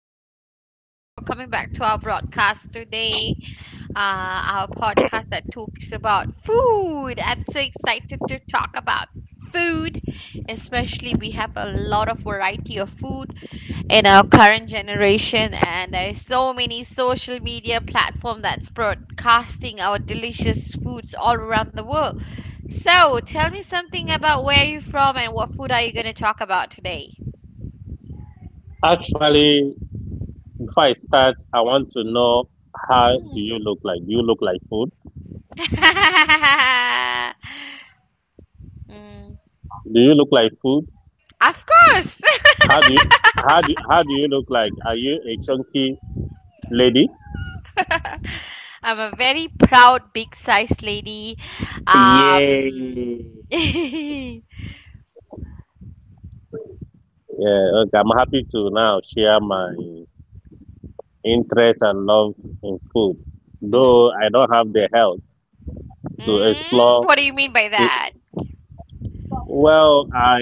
Mike. Thank you so much for coming back to our broadcast today. Our podcast that talks about food. I'm so excited to talk about food, especially we have a lot of variety of food in our current generation, and there is so many social media platform that's broadcasting our delicious foods all around the world. So tell me something about where you're from and what food are you going to talk about today? Actually, before I start, I want to know how do Mm. you look like? Do you look like food? Mm, Do you look like food? of course. How do you how do you look like? Are you a chunky lady? I'm a very proud big size lady. Yay! um Mm. Yeah, okay. I'm happy to now share my interest and love in food, though I don't have the health to Mm, explore. what do you mean by to- that? Well, I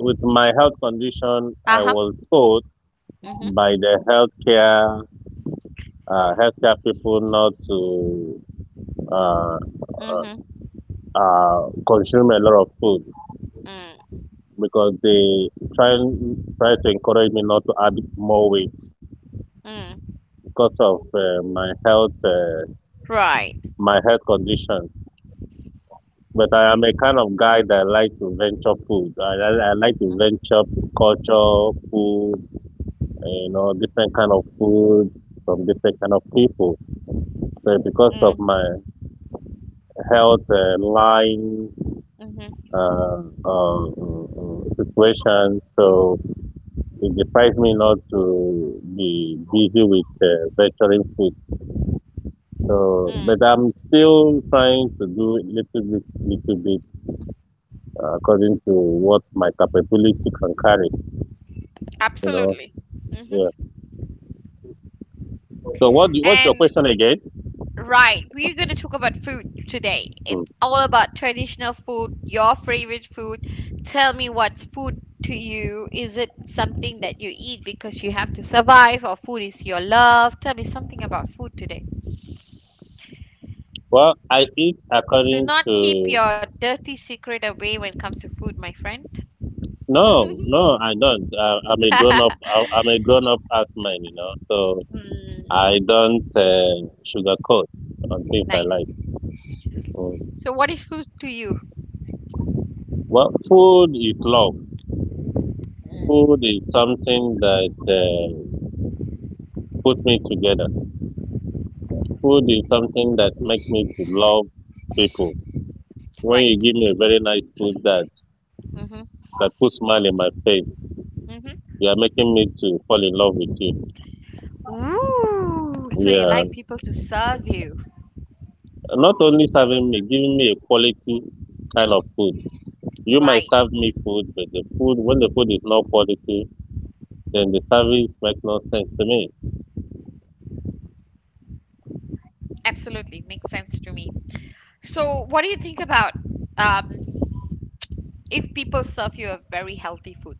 with my health condition, I Uh-huh. was told Mhm. by the healthcare people not to uh, Mhm. Consume a lot of food Mm. because they try try to encourage me not to add more weight Mm. because of my health uh, Right. my health condition. But I am a kind of guy that like to venture food. I like to venture culture, food, different kind of food from different kind of people. But because of Mm. my health line Mhm. Situation. So it deprived me not to be busy with venturing food. So, but Mm. I'm still trying to do little bit according to what my capability can carry. You know, Absolutely. Mhm. yeah. So what? What's your question And again? right, we're going to talk about food today. It's Mm. all about traditional food, your favorite food. Tell me what's food to you. Is it something that you eat because you have to survive, or food is your love? Tell me something about food today. Well, I eat Do according not keep to. your dirty secret away when it comes to food, my friend. No, no, I don't. I'm a grown up. I'm a grown up man. So Mm. I don't sugarcoat on things I Nice. like. Mm. So, what is food to you? Well, food is love. Food is something that put me together. Food is something that makes me to love people. When you Right. give me a very nice food that Mm-hmm. that puts smile in my face, Mm-hmm. you are making me to fall in love with you. Ooh, so you Yeah, like people to serve you. not only serving me, giving me a quality kind of food. You might Right. serve me food, but the food when the food is not quality, then the service makes no sense to me. Absolutely. Makes sense to me. So, what do you think about, um, if people serve you a very healthy food?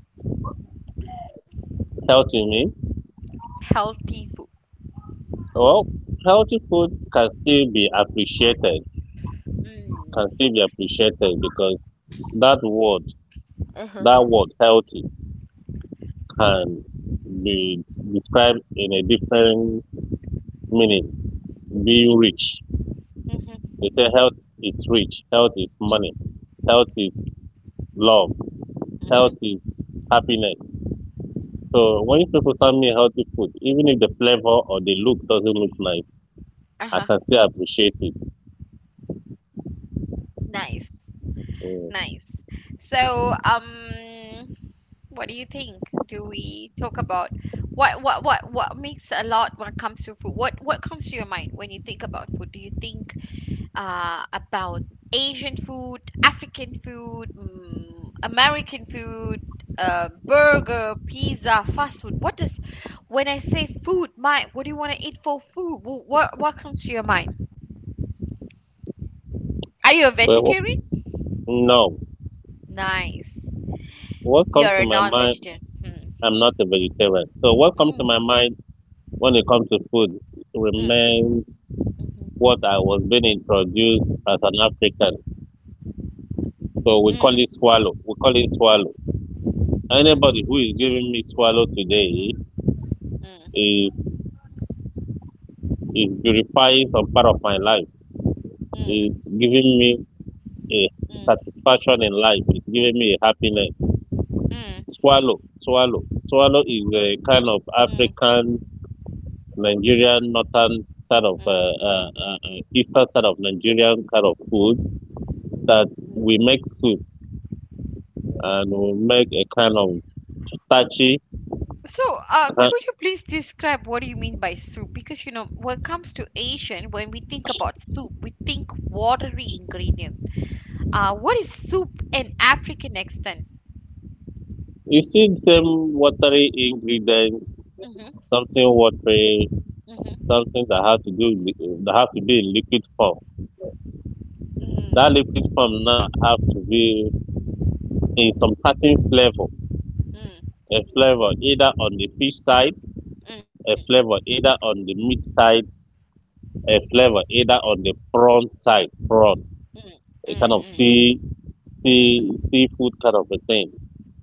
Healthy meal? Healthy food. Well, healthy food can still be appreciated, can Mm. still be appreciated because that word, Uh-huh. that word healthy can be described in a different meaning. Being rich. Mm-hmm. They say health is rich, health is money, health is love, Mm-hmm. health is happiness. So when people send me healthy food, even if the flavor or the look doesn't look nice, I Uh-huh. can still appreciate it. Nice. Mm. Nice. So, what do you think? Do we talk about what makes a lot when it comes to food? What comes to your mind when you think about food? Do you think about Asian food, African food, American food, burger, pizza, fast food? What does, when I say food, my, what do you want to eat for food? What comes to your mind? Are you a Well, vegetarian? no, Nice. what comes You're to a my mind non-vegetarian. Hmm. I'm not a vegetarian. So what comes to my Mm, mind when it comes to food mm, remains mhm. what I was being introduced as an African. So we call Mm, it swallow. We call it swallow. Anybody mm, who is giving me swallow today mm, is is purifying some part of my life. mm. It's giving me a Mm, satisfaction in life. It's giving me a happiness. mm, Swallow, swallow, Swallow is a kind of mm, African Nigerian northern side of mm, eastern side of Nigerian kind of food that we mm. make soup and we make a kind of starchy. So, could you ki- please describe what do you mean by soup? Because, when it comes to Asian, when we think about soup, we think watery ingredient. What is soup in African extent? You see the same watery ingredients, Mhm, something watery, mhm. something that have to be in liquid form. That liquid Mm, form now have to be in some certain flavor, a flavor either on the fish side, mm, a flavor either on the meat side, a flavor either on the prawn side, prawn. mm, mm, A kind of mm, seafood kind of a thing.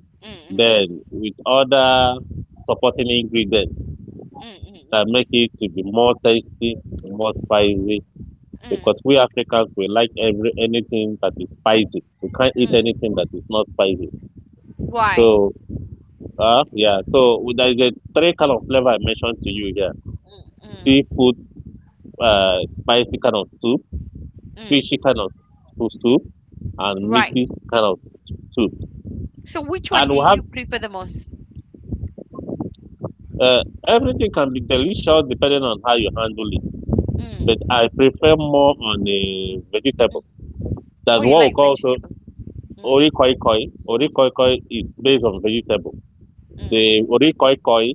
mm, mm, mm, Then with other supporting ingredients mm, that mm, make it to be more tasty, more spicy. mm, Because mm, we Africans we like every anything that is spicy. We can't eat mm, anything that is not spicy. So right, yeah, so there is a three kind of flavor I mentioned to you here: mm, mm, seafood, mhm, spicy kind of soup, mm, fishy kind of soup, and right. meaty kind of soup. So, which one And do we have you prefer the most? Everything can be delicious depending on how you handle it, but I Mm, prefer more on a mm. vegetable. That's Oh, you what we like call so vegetable. ori koi koi. Ori koi koi is based on vegetable. The Mm, ori koi koi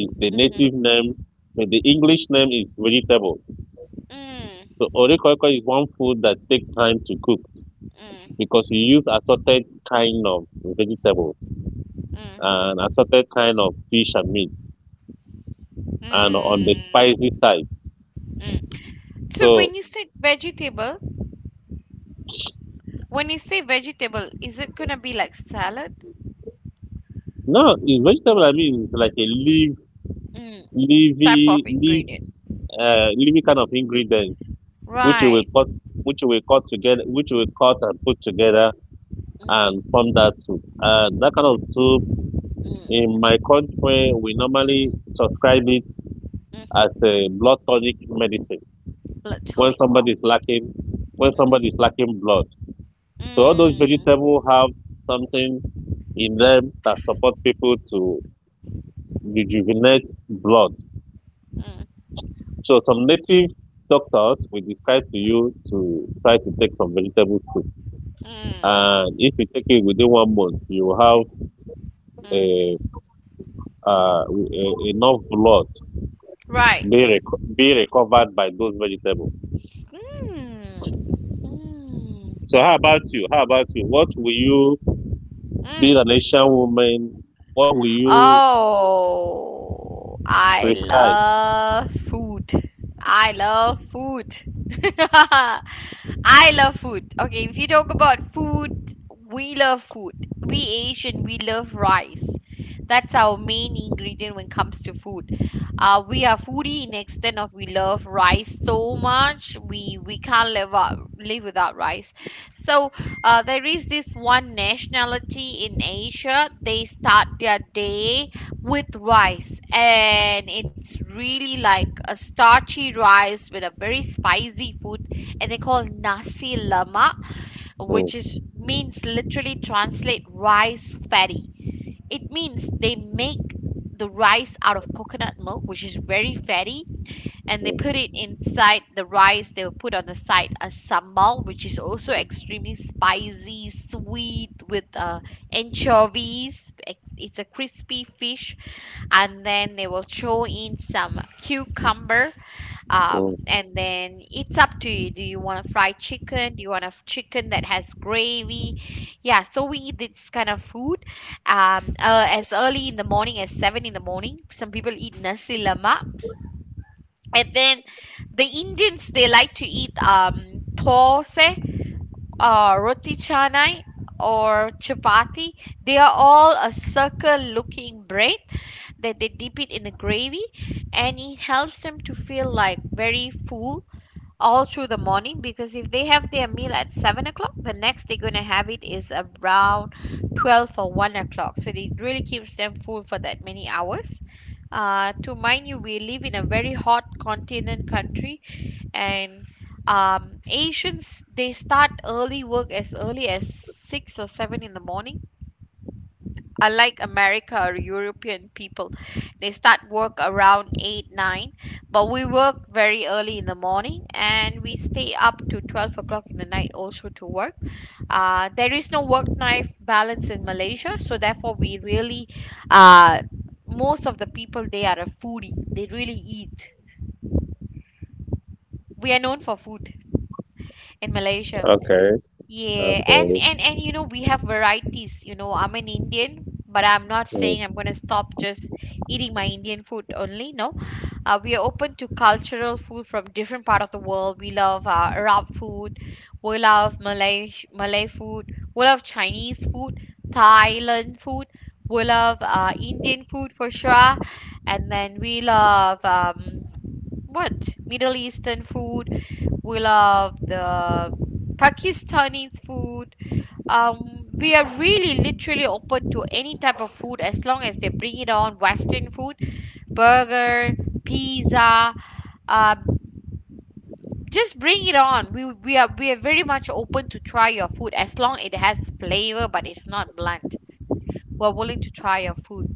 is the mhm, native name, but the English name is vegetable. So mm, ori koi koi is one food that takes time to cook mm, because you use assorted kind of vegetable mm, and assorted kind of fish and meat, and on mm, the mm. spicy side. Mm. So So when you say vegetable, is it gonna be like salad, no, it's vegetable. I mean, it's like a mm. leafy type of leaf ingredient? leafy kind of ingredients which you will Right. cut which you will cut and put together and Mm, form that soup. And that kind of soup in my mm, country we normally mm, subscribe it as mhm. a blood tonic medicine Blood when tonic. somebody is Wow. lacking when somebody is Mm, lacking blood. So all those vegetables mm, have something in them that support people to rejuvenate blood. mm, So some native doctors will describe to you to try to take some vegetable soup. And mm, if you take it within one month, you will have mm. a, enough blood be, Right. reco- be recovered by those vegetables. Mm, mm, So How about you? What will you, being an mm. Asian woman, what will you Oh, I prescribe? love food. I love food. I love food. Okay, if you talk about food, we love food. We Asian, we love rice. That's our main ingredient when it comes to food. We are foodie in extent of we love rice so much. We can't live without rice. So, there is this one nationality in Asia. They start their day with rice, and it's really like a starchy rice with a very spicy food, and they call nasi lemak, Mm, which is means literally translate rice fatty. It means they make the rice out of coconut milk, which is very fatty, and they mm, put it inside the rice. They will put on the side a sambal, which is also extremely spicy, sweet with anchovies. It's a crispy fish, and then they will throw in some cucumber, um, mm. and then it's up to you. Do you want a fried chicken? Do you want a chicken that has gravy? Yeah, so we eat this kind of food as early in the morning as 7 in the morning. Some people eat nasi lemak, and then the Indians, they like to eat thosai, or roti canai, or chapati. They are all a circle looking bread that they dip it in the gravy, and it helps them to feel like very full all through the morning, because if they have their meal at 7 o'clock, the next they're going to have it is around 12 or 1 o'clock. So it really keeps them full for that many hours. To mind you, we live in a very hot continent country. And Asians, they start early work as early as 6 or 7 in the morning, unlike America or European people, they start work around 8, 9, but we work very early in the morning, and we stay up to 12 o'clock in the night also to work. There is no work life balance in Malaysia, so therefore we really, uh, most of the people, they are a foodie. They really eat. We are known for food in Malaysia. Okay, Yeah, and okay. and and you know we have varieties. You know, I'm an Indian, but I'm not Mm. saying I'm gonna stop just eating my Indian food only. No, we are open to cultural food from different part of the world. We love Arab food, we love Malay food, we love Chinese food, Thailand food, we love Indian food for sure, and then we love, what, Middle Eastern food, we love the Pakistani's food. We are really literally open to any type of food as long as they bring it on Western food, burger, pizza. Uh, just bring it on. We are very much open to try your food as long it has flavor but it's not blunt. We're willing to try your food.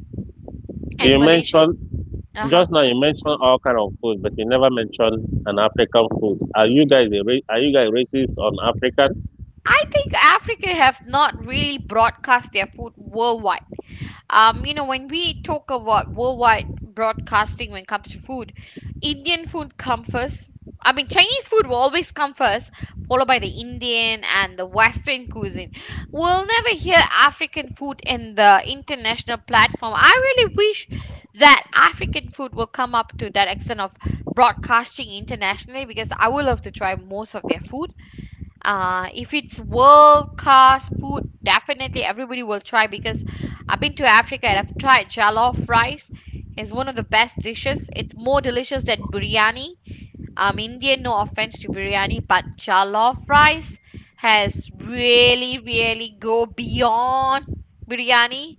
And You mentioned Malaysian. Uh huh. Just now you mentioned all kind of food, but you never mentioned an African food. Are you guys racist on African? I think Africa have not really broadcast their food worldwide, when we talk about worldwide broadcasting when it comes to food, Indian food comes first. I mean, Chinese food will always come first, followed by the Indian and the Western cuisine. We'll never hear African food in the international platform. I really wish that African food will come up to that extent of broadcasting internationally, because I would love to try most of their food. If it's world class food, definitely everybody will try, because I've been to Africa and I've tried jollof rice. It's one of the best dishes. It's more delicious than biryani. I'm Indian, no offense to biryani, but jollof rice has really, really go beyond biryani.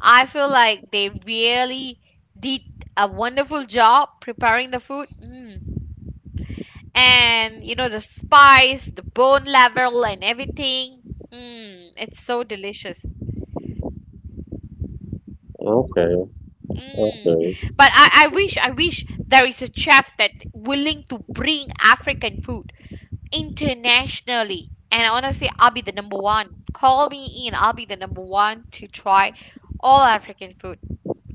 I feel like they really did a wonderful job preparing the food. Mm. And you know the spice, the bone level, and everything. Mm, it's so delicious. Okay, Mm. okay. But I wish there is a chef that willing to bring African food internationally. And honestly, I'll be the number one. Call me in. I'll be the number one to try all African food.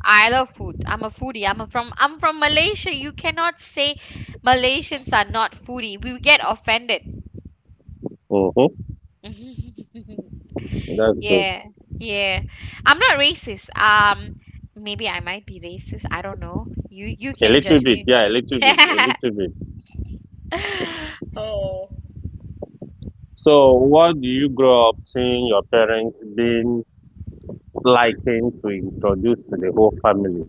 I love food. I'm a foodie. I'm from Malaysia. You cannot say Malaysians are not foodie. We will get offended. Mm-hmm. That's good. Yeah, yeah. I'm not racist. Maybe I might be racist. I don't know. You A can little judge bit, me. yeah, a little bit, a little bit. Oh, So, what do you grow up seeing your parents being liking to introduce to the whole family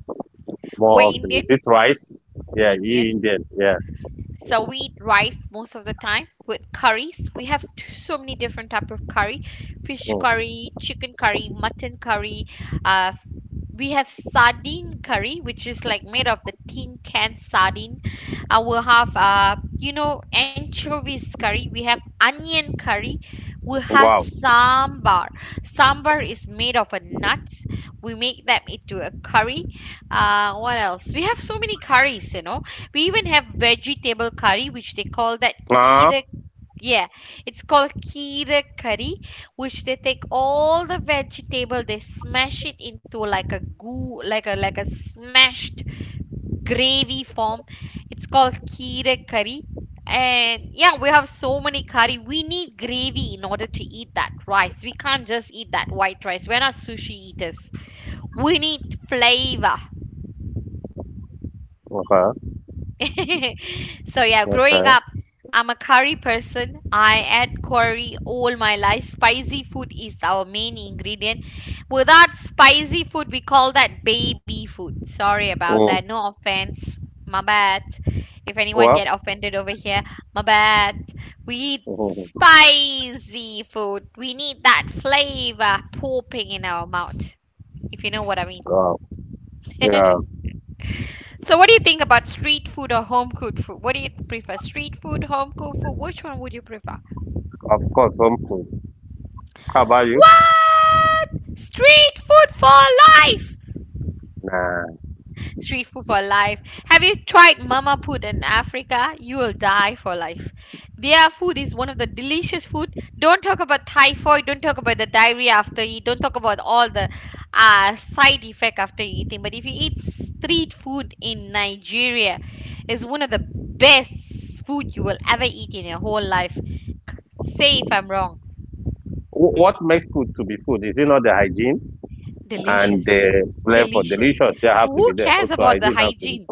more we're often? Is Indian. it rice? Yeah, We're you Indian. Indian. Yeah. So we eat rice most of the time with curries. We have so many different type of curry, fish Mm. curry, chicken curry, mutton curry. Uh, we have sardine curry, which is like made of the tin can sardine. We'll have anchovies curry. We have onion curry. We have Wow. sambar. Sambar is made of a nuts. We make them into a curry. What else? We have so many curries. We even have vegetable curry, which they call that Ah. kheera. Yeah, it's called kheera curry, which they take all the vegetable, they smash it into like a goo, like a smashed gravy form. It's called kheera curry. And yeah, we have so many curry. We need gravy in order to eat that rice. We can't just eat that white rice. We're not sushi eaters. We need flavor. Okay. So yeah, growing Okay. up, I'm a curry person. I add curry all my life. Spicy food is our main ingredient. Without spicy food, we call that baby food. Sorry about that. Mm. No offense. My bad. If anyone get Well. offended over here, my bad. We eat Mhm. spicy food. We need that flavor popping in our mouth. If you know what I mean. Wow. Yeah. So, what do you think about street food or home cooked food? What do you prefer, street food, home cooked food? Which one would you prefer? Of course, home food. How about you? What? Street food for life! Nah. Street food for life. Have you tried mama food in Africa? You will die for life. Their food is one of the delicious food. Don't talk about typhoid. Don't talk about the diarrhea after you eat. Don't talk about all the side effect after eating. But if you eat street food in Nigeria, is one of the best food you will ever eat in your whole life. Say if I'm wrong. What makes food to be food? Is it not the hygiene and Delicious. the flair for Delicious. delicious? Yeah, have to Who be there. cares Also, about the hygiene have to be. hygiene?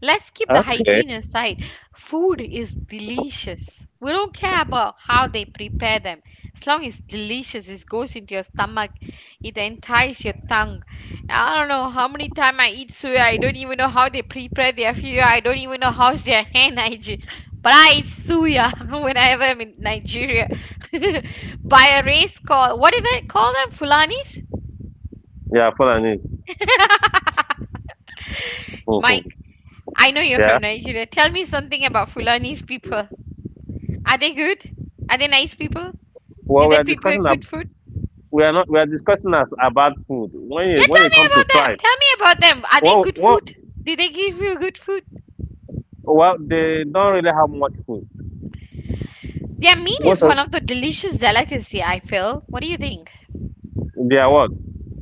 Let's keep the Okay. hygiene aside. Food is delicious. We don't care about how they prepare them. As long as delicious, it goes into your stomach. It entices your tongue. I don't know how many time I eat suya. I don't even know how they prepare their suya. I don't even know how's their hand hygiene. But I eat suya whenever I'm in Nigeria. By a race call. What do they call them? Fulanis? Yeah, following it. Mike, I know you're from Yeah. Nigeria. Tell me something about Fulani's people. Are they good? Are they nice people? Do Well, we they are prepare discussing. Good food? We are not. We are discussing as about food. When Yeah, it, when tell it me comes to about them. tribe, Tell me about them. Are they well, good well, food? Do they give you good food? well, they don't really have much food. Their meat Most is of one of the delicious delicacy, I feel. What do you think? they are what?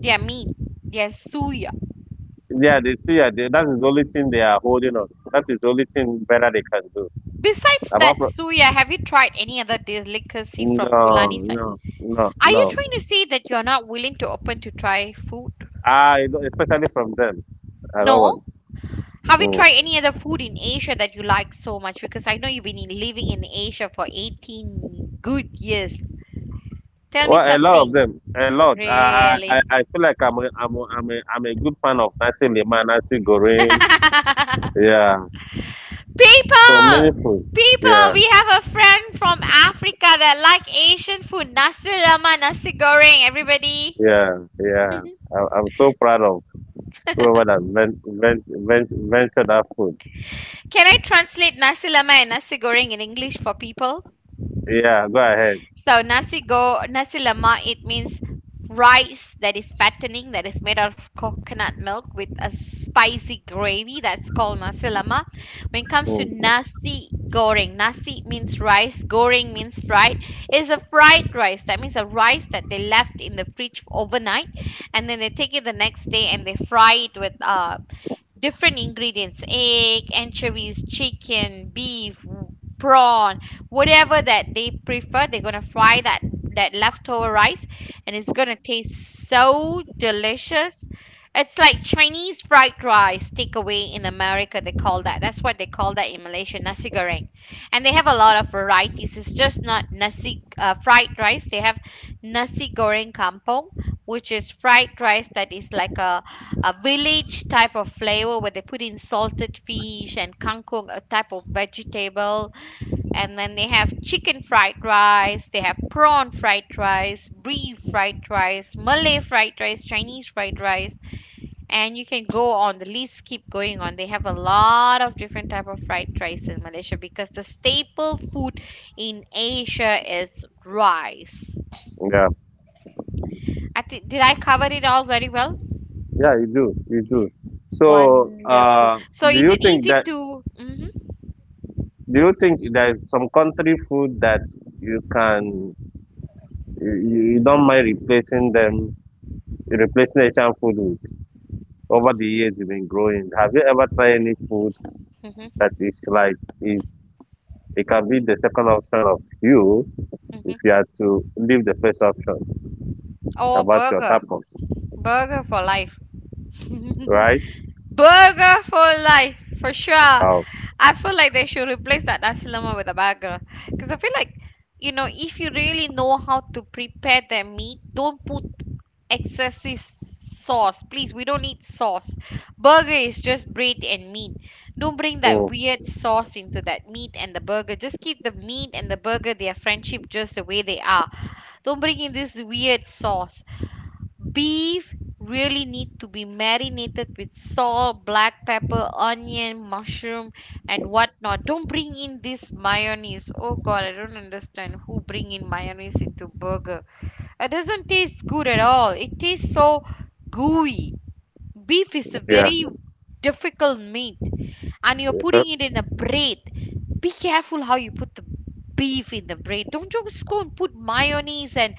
Their meat. Their suya. Yeah, they see. Yeah, that is the only thing they are holding on. That is the only thing better they can do. Besides that Apart from suya, have you tried any other delicacy from No, Fulani side? no, no, Are you no. trying to say that you're not willing to open to try food? I especially from them. I don't want. No. Have you Mm. tried any other food in Asia that you like so much? Because I know you've been living in Asia for 18 good years. Tell me Well, a lot of something. them, a lot. I I, Really? I I feel like I'm a good fan of Nancy Lima, Nancy Gorin. Yeah, so many people! food. People, Yeah, we have a friend from Africa that like Asian food. Nasi lemak, nasi goreng, everybody. yeah, yeah. I'm so proud of whoever that ventured that food. Can I translate nasi lemak and nasi goreng in English for people? Yeah, go ahead. So nasi go nasi lemak it means rice that is fattening that is made out of coconut milk with a spicy gravy that's called nasi lemak. When it comes to Mm. nasi goreng, nasi means rice, goreng means fried. It's a fried rice. That means a rice that they left in the fridge overnight and then they take it the next day and they fry it with different ingredients, egg, anchovies, chicken, beef, w- prawn, whatever that they prefer. They're gonna fry that that leftover rice and it's gonna taste so delicious. It's like Chinese fried rice takeaway. In America they call that, that's what they call that in Malaysia, nasi goreng. And they have a lot of varieties. It's just not nasi fried rice. They have nasi goreng kampung, which is fried rice that is like a village type of flavor where they put in salted fish and kangkong, a type of vegetable. And then they have chicken fried rice, they have prawn fried rice, beef fried rice, Malay fried rice, Chinese fried rice. And you can go on the list, keep going on. They have a lot of different type of fried rice in Malaysia because the staple food in Asia is rice. Yeah, I think, did I cover it all very well? yeah, you do, you do. So, Wonderful. So do is you it think easy that? to? Mhm. Do you think there is some country food that you can? you don't mind replacing Asian food with over the years you've been growing. Have you ever tried any food Hmm. that is like it, it can be the second option of you if you Hmm. had to leave the first option Oh, about your burger. taco, Burger for life. right? Burger for life, for sure. Wow. I feel like they should replace that nasi lemak with a burger. Because I feel like, you know, if you really know how to prepare their meat, don't put excessive sauce. Please, we don't need sauce. Burger is just bread and meat. Don't bring that Oh weird sauce into that meat and the burger. Just keep the meat and the burger, their friendship, just the way they are. Don't bring in this weird sauce. Beef really need to be marinated with salt, black pepper, onion, mushroom, and whatnot. Don't bring in this mayonnaise. Oh God, I don't understand who bring in mayonnaise into burger. It doesn't taste good at all. It tastes so gooey. Beef is a yeah. very difficult meat, and you're Uh, putting it in a bread. Be careful how you put the beef in the bread. Don't just go and put mayonnaise and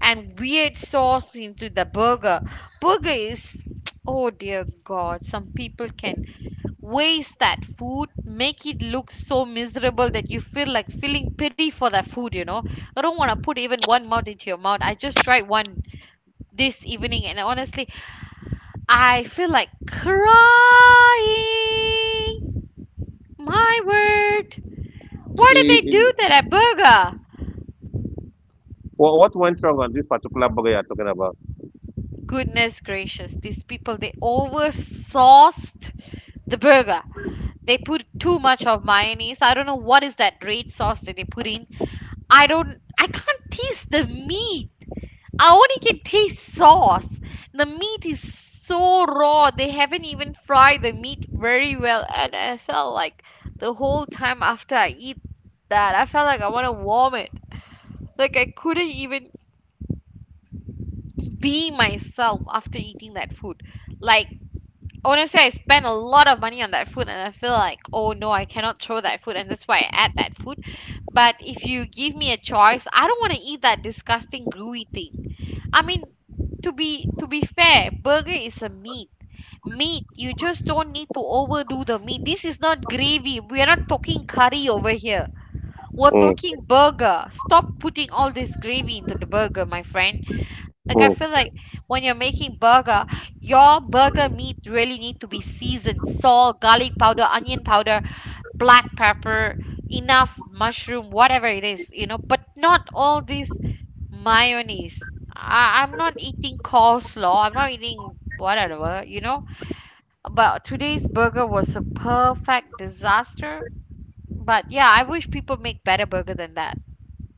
weird sauce into the burger. Burger is, oh dear God, some people can waste that food, make it look so miserable that you feel like feeling pity for that food, you know. I don't want to put even one mouth into your mouth. I just tried one this evening and honestly, I feel like crying. My word. i- Why did i- they do i- that at Burger? What went wrong on this particular burger you're talking about? Goodness gracious, these people they oversauced the burger. They put too much of mayonnaise. I don't know what is that red sauce that they put in. I don't I can't taste the meat. I only can taste sauce. The meat is so raw, they haven't even fried the meat very well, and I felt like the whole time after I eat that, I felt like I want to vomit. Like, I couldn't even be myself after eating that food. Like, honestly, I spent a lot of money on that food and I feel like, oh no, I cannot throw that food, and that's why I ate that food. But if you give me a choice, I don't want to eat that disgusting gluey thing. I mean, to be fair, burger is a meat. Meat, you just don't need to overdo the meat. This is not gravy. We are not talking curry over here. We're Mm, talking burger. Stop putting all this gravy into the burger, my friend. Like, I feel mm. like when you're making burger, your burger meat really need to be seasoned. Salt, garlic powder, onion powder, black pepper, enough mushroom, whatever it is, you know, but not all this mayonnaise. I'm not eating coleslaw, I'm not eating whatever, you know. But today's burger was a perfect disaster. But yeah, I wish people make better burger than that.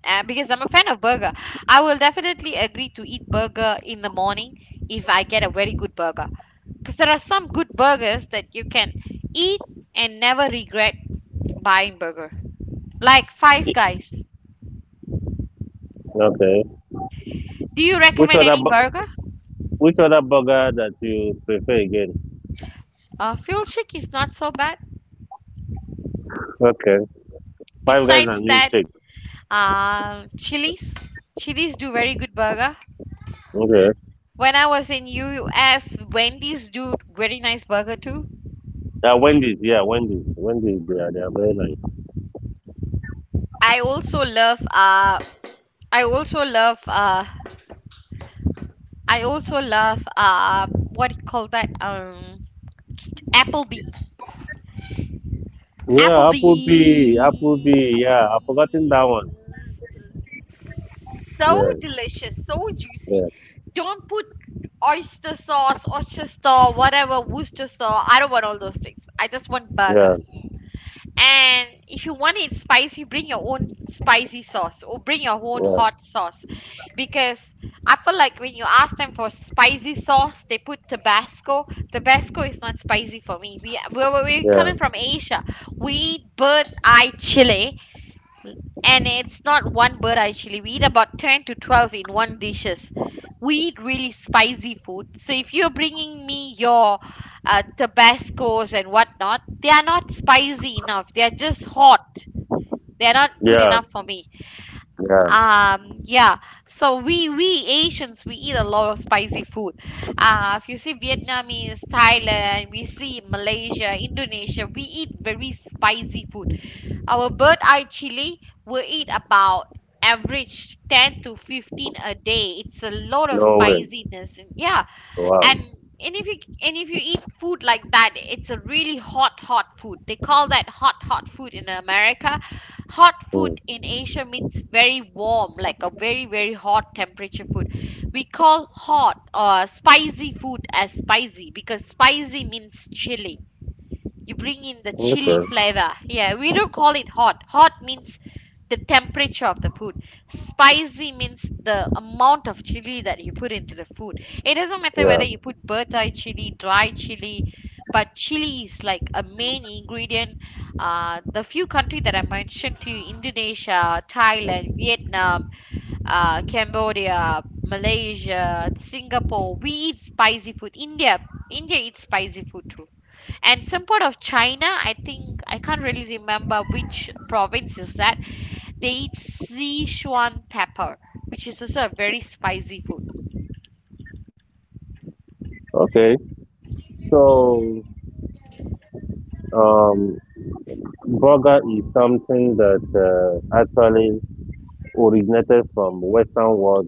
And because I'm a fan of burger, I will definitely agree to eat burger in the morning if I get a very good burger. Because there are some good burgers that you can eat and never regret buying burger. Like Five Guys. Okay. Do you Which recommend other any bu- burger? which other burger that you prefer again? Fuel Chic is not so bad. Okay. Five Guys Besides and that, milkshake. Chili's. Chili's do very good burger. Okay. When I was in US, Wendy's do very nice burger too. Yeah, Wendy's. Yeah, Wendy's. Wendy's. They are. They are very nice. I also love uh, I also love uh, I also love what do you call that Applebee. Yeah, Applebee. Applebee's. Applebee. Yeah, I've forgotten that one. Yeah, So delicious, so juicy. yeah, Don't put oyster sauce, whatever, Worcester sauce. I don't want all those things. I just want yeah, burger. And if you want it spicy, bring your own spicy sauce or bring your own hot sauce. Because I feel like when you ask them for spicy sauce, they put Tabasco. Tabasco is not spicy for me. We're yeah, coming from Asia. We eat bird eye chile, and it's not one bird. Actually, we eat about 10 to 12 in one dishes. We eat really spicy food. So if you're bringing me your tabascos and whatnot, they are not spicy enough, they are just hot. They are yeah, not good yeah, enough for me. yeah. Yeah. So we Asians, we eat a lot of spicy food. If you see Vietnamese, Thailand, we see Malaysia, Indonesia, we eat very spicy food. Our bird eye chili will eat about average 10 to 15 a day. It's a lot of No way. spiciness. And yeah, and Wow. and if you and if you eat food like that, it's a really hot hot food. They call that hot hot food in America. Hot Mm. food in Asia means very warm, like a very very hot temperature food. We call hot or spicy food as spicy because spicy means chili. You bring in the chili Okay. flavor. Yeah, we don't call it hot. Hot means the temperature of the food. Spicy means the amount of chili that you put into the food. It doesn't matter Yeah. whether you put bird chili, dry chili, but chili is like a main ingredient. The few countries that I mentioned to you, Indonesia, Thailand, Vietnam, Cambodia, Malaysia, Singapore, we eat spicy food. India, India eats spicy food too. And some part of China. I think I can't really remember which province is that. They eat Sichuan pepper, which is also a very spicy food. Okay. So, um, burger is something that actually originated from Western world,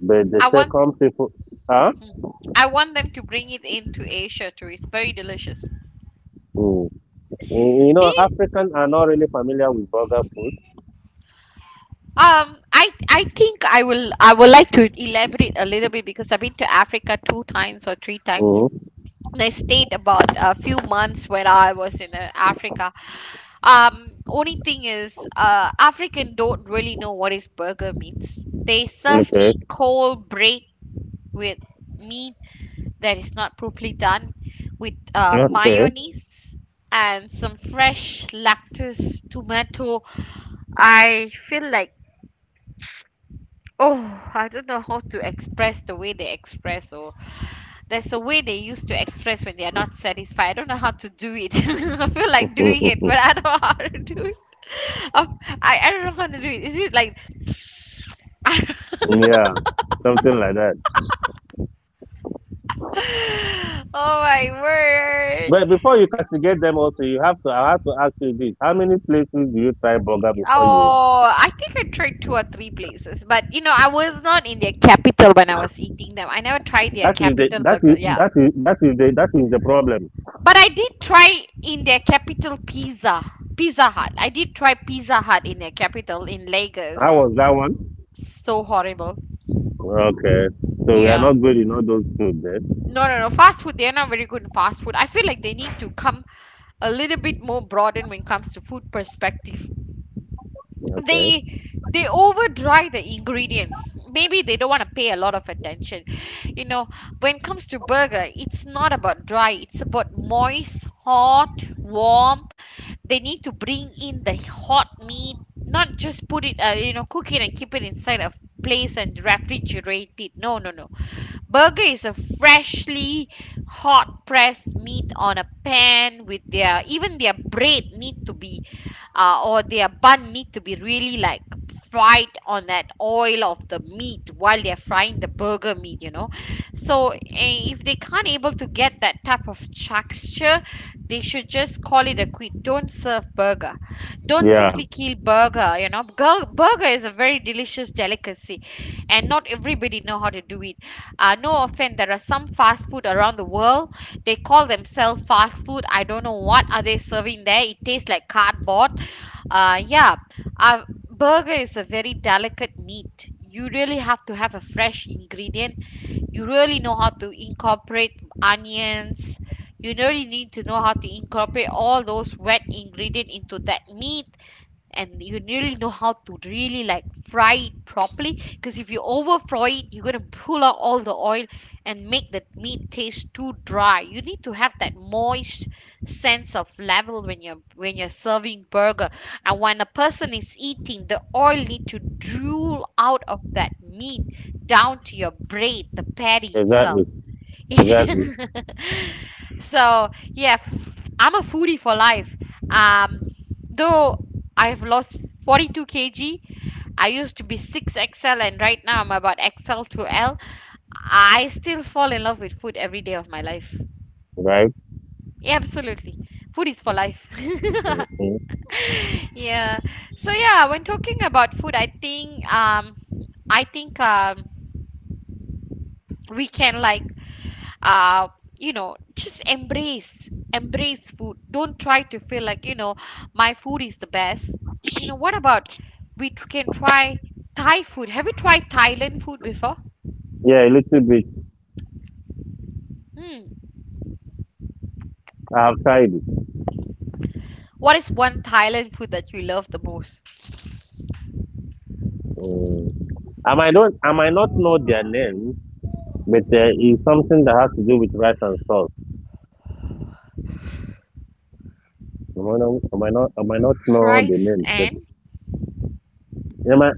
but the I want, second people, huh? hmm. I want them to bring it into Asia too. It's very delicious. Mm. Do you, Africans are not really familiar with burger food. I think I will, I would like to elaborate a little bit because I've been to Africa two times or three times. Mm. And I stayed about a few months when I was in Africa. Only thing is, African don't really know what is burger means. They serve Okay. me cold bread with meat that is not properly done, with Okay. mayonnaise and some fresh lettuce, tomato. I feel like, oh, I don't know how to express the way they express. Or. There's a way they used to express when they are not satisfied. I don't know how to do it. I feel like doing it, Mhm. but I don't know how to do it. Of- I don't know how to do it. Is it like. Yeah, something like that. Oh my word. But before you castigate them also, you have to I have to ask you this. How many places do you try burger before you Oh, I think I tried two or three places, but you know, I was not in their capital when I was eating them. I never tried their capital burger. Yeah. That is the problem. But I did try in their capital Pizza. Pizza Hut. I did try Pizza Hut in their capital in How Lagos. was that one? So horrible. Okay. So we are Yeah. not good in all those food then. No, no, no. Fast food, they're not very good in fast food. I feel like they need to come a little bit more broadened when it comes to food perspective. Okay. They over dry the ingredient, maybe they don't want to pay a lot of attention, you know. When it comes to burger, it's not about dry, it's about moist, hot, warm. They need to bring in the hot meat, not just put it, you know, cook it and keep it inside a place and refrigerate it. No, no, no. Burger is a freshly hot pressed meat on a pan with their even their bread need to be or their bun need to be really like fried on that oil of the meat while they're frying the burger meat, you know. So if they can't able to get that type of texture, they should just call it a quit. Don't serve burger, don't Yeah, simply kill burger, you know. Burger is a very delicious delicacy, and not everybody know how to do it. No offense, there are some fast food around the world, they call themselves fast food. I don't know what are they serving there, it tastes like cardboard. Yeah. uh, Burger is a very delicate meat. You really have to have a fresh ingredient. You really know how to incorporate onions. You really need to know how to incorporate all those wet ingredient into that meat, and you really know how to really like fry it properly, because if you over fry it, you're going to pull out all the oil and make the meat taste too dry. You need to have that moist sense of level when you're serving burger. And when a person is eating, the oil need to drool out of that meat down to your braid, the patty itself. exactly. Exactly. So, yeah, I'm a foodie for life. Um, though I've lost 42 kg, I used to be 6XL and right now I'm about XL to L. I still fall in love with food every day of my life. Right? Yeah, absolutely. Food is for life. Mhm. Yeah. So yeah, when talking about food, I think I think um we can like, uh you know, just embrace food. Don't try to feel like, you know, my food is the best. You know, what about we can try thai food? Have you tried thailand food before? Yeah, a little bit. Hmm. I've tried it. What is one thailand food that you love the most? Mm. I might not know their name, but it's something that has to do with rice and sauce. I might not, I might not, I might not know the name, Rice but and... I might,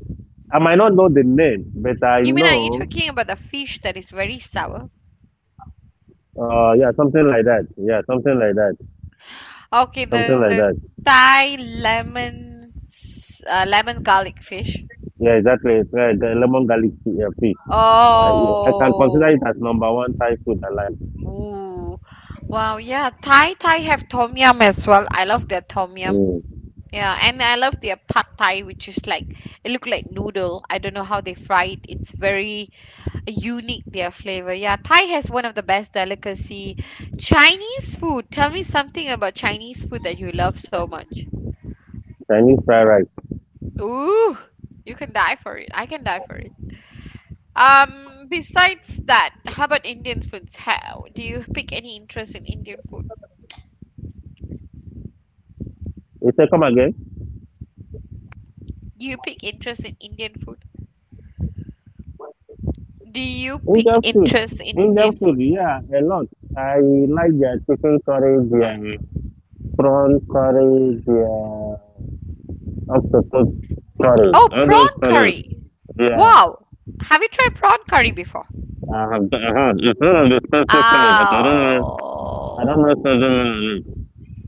I might not know the name, but I You mean, are know, you talking about the fish that is very sour? Yeah, something like that. Yeah, something like that. Okay, Something like the that. thai lemon garlic fish. Yeah, exactly. It's like lemon garlic fish. I can consider it Oh. as number one Thai food I like. Ooh, wow, yeah. Thai have tom yum as well. I love their tom yum. Mm. Yeah, and I love their pad Thai, which is like, it look like noodle. I don't know how they fry it. It's very unique their flavor. Yeah, Thai has one of the best delicacy. Chinese food. Tell me something about Chinese food that you love so much. Chinese fried rice. Ooh, you can die for it. I can die for it. Besides that, how about Indian foods? How do you pick any interest in Indian food? You say, come again? Do you pick interest in Indian food? Do you pick Indian food. interest in Indian Indian food, food? yeah, a lot. I like their chicken curry, their prawn curry, their octopus curry, Oh, all those prawn curries. curry. Yeah. Wow. Have you tried prawn curry before? I have, it's not a specific, it's Oh. do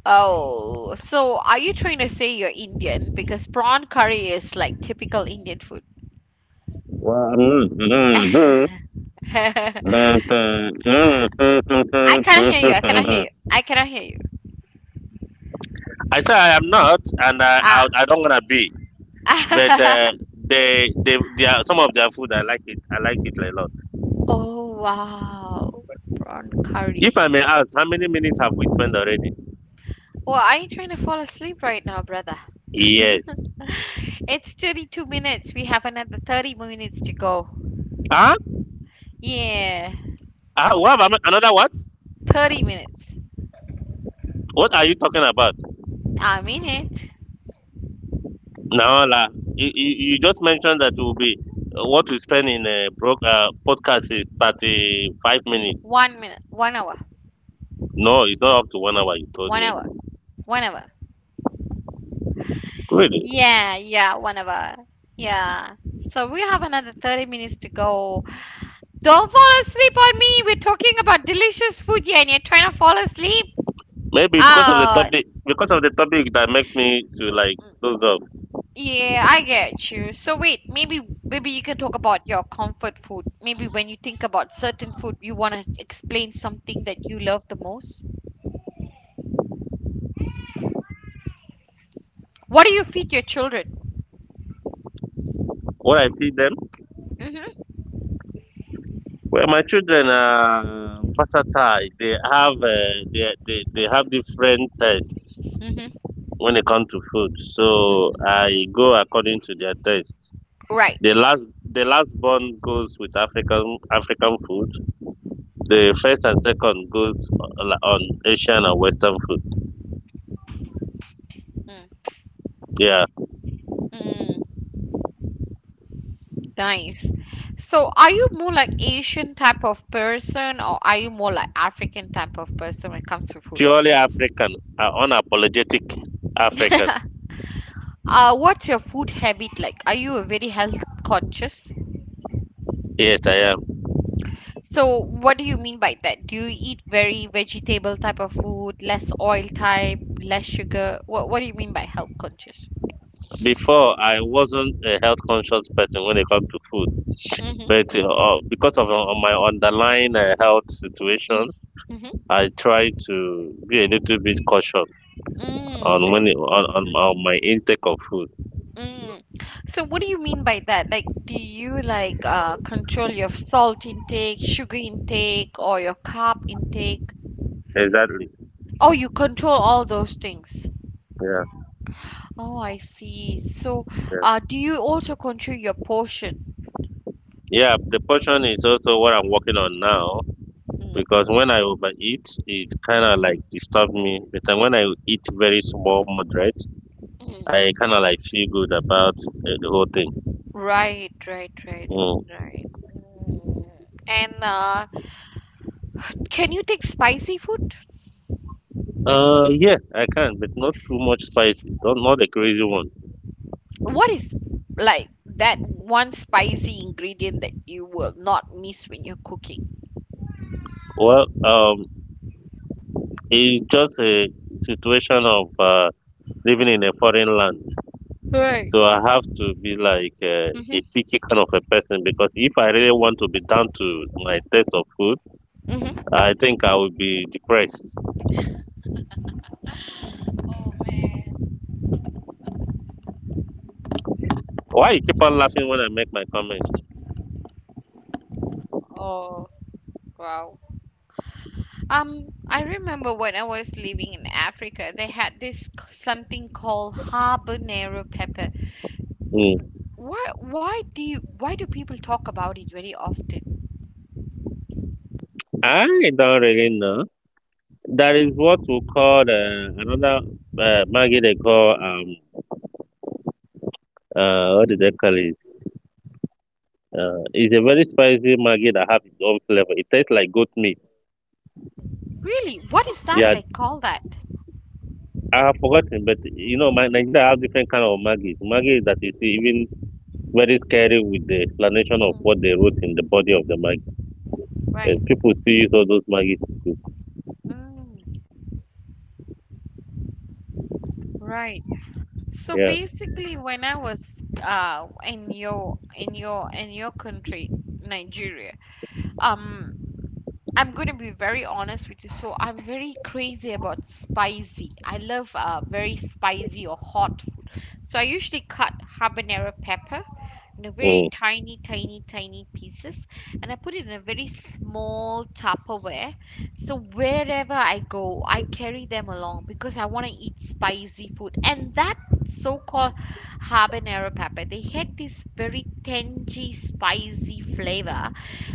Oh. So are you trying to say you're Indian? Because prawn curry is like typical Indian food. am not, I but, you know, something, cannot it's hear a you. I cannot hear something. you. I cannot hear you. I say I am not, and I I, Ah. I don't wanna be. But they are, some of their food I like it. I like it a lot. Oh, wow. Prawn If curry. I may ask, how many minutes have we spent already? Well, are you trying to fall asleep right now, brother? Yes. It's 32 minutes. We have another 30 minutes to go. Huh? Yeah, What have another what? 30 minutes. What are you talking about? A minute. Naola, you just mentioned that will be what we spend in a podcast is 35 minutes. 1 minute. 1 hour. No, it's not up to 1 hour. You told One me hour. 1 hour. really. Yeah, yeah, 1 hour. Yeah. So we have another 30 minutes to go. Don't fall asleep on me. We're talking about delicious food here and you're trying to fall asleep. Maybe because of the Oh, topic, because of the topic that makes me to like those of yeah, I get you. So wait, maybe you can talk about your comfort food. Maybe when you think about certain food, you want to explain something that you love the most. What do you feed your children? what I see them. Mm-hmm. Well, my children are versatile. They have they have different tastes Mm-hmm. when it comes to food. So Mm-hmm. I go according to their taste. Right. The last the last born goes with African African food. The first and second goes on Asian and Western food. Mm. Yeah, Mm. Nice. So are you more like Asian type of person or are you more like African type of person when it comes to food? purely African, unapologetic African. What's your food habit like? Are you a very health conscious? Yes, I am. So, what do you mean by that? Do you eat very vegetable type of food, less oil type, less sugar? What do you mean by health conscious? Before I wasn't a health conscious person when it comes to food, Mm-hmm. but because of my underlying health Mm. situation, Mm-hmm. I try to be a little bit cautious Mm, on on my intake of food. mm. So, what do you mean by that? Like, do you like, control your salt intake, sugar intake, or your carb intake? Exactly. Oh, you control all those things. Yeah. Oh, I see. So, Yeah. Do you also control your portion? Yeah, the portion is also what I'm working on now, Mm. because when I overeat, it kind of Mm-hmm. like disturb me. But then when I eat very small, moderate, Mm. I kind of like feel good about the whole thing. Right, right, right, Mm. right. Mm. And can you take spicy food? Yeah, I can, but not too much spicy. Don't not the crazy one. What is like that one spicy ingredient that you will not miss when you're cooking? Well, um, it's just a situation of living in a foreign land, Right. so I have to be like a Mm-hmm. picky kind of a person because if I really want to be down to my taste of food, Mm-hmm. I think I will be depressed. Why you keep on laughing when I make my comment? Oh, wow. I remember when I was living in Africa, they had this something called habanero pepper. Mm. Why do people talk about it very often? I don't really know. There is what we call another maggi they call what did they call it? It's a very spicy maggi that has its own flavor. It tastes like goat meat. Really, what is that Yeah, they call that? I have forgotten, but you know, my Nigeria have different kind of maggi. Maggi that is even very scary with the explanation of what Mm, they wrote in the body of the maggi. right. And people still use all those maggi to cook. Mm, right. So Yeah. basically, when I was in your country, Nigeria, um, I'm gonna be very honest with you. So I'm very crazy about spicy. I love very spicy or hot food. So I usually cut habanero pepper in a very Mm. tiny, tiny, tiny pieces, and I put it in a very small Tupperware. So wherever I go, I carry them along because I want to eat spicy food. And that so-called habanero pepper, they had this very tangy, spicy flavor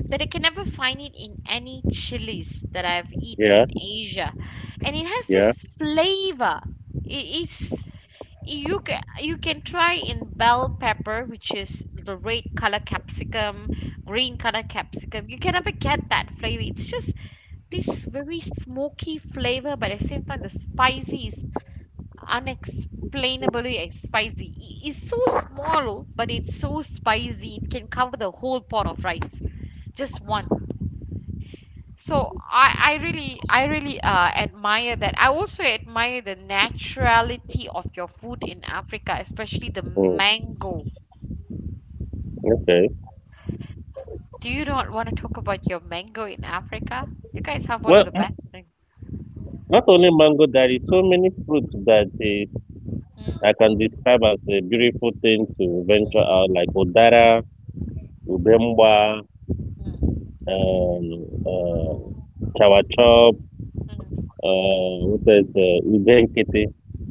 that I can never find it in any chilies that I've eat Yeah. in Asia. And it has this Yeah. flavor. It is you can try in bell pepper, which is the red color capsicum, green color capsicum. You can never get that flavor. It's just this very smoky flavor, but at the same time the spicy is unexplainably spicy. It's so small but it's so spicy, it can cover the whole pot of rice, just one. So I really admire that. I also admire the naturality of your food in Africa, especially the Mm. mango. Okay. Do you not want to talk about your mango in Africa? You guys have one of Well, the best mango. not only mango, there is so many fruits that is, Mm, I can describe as a beautiful thing to venture out, mm, like udara, ubemba, um, uh, chawa, mm, what is ubenkete,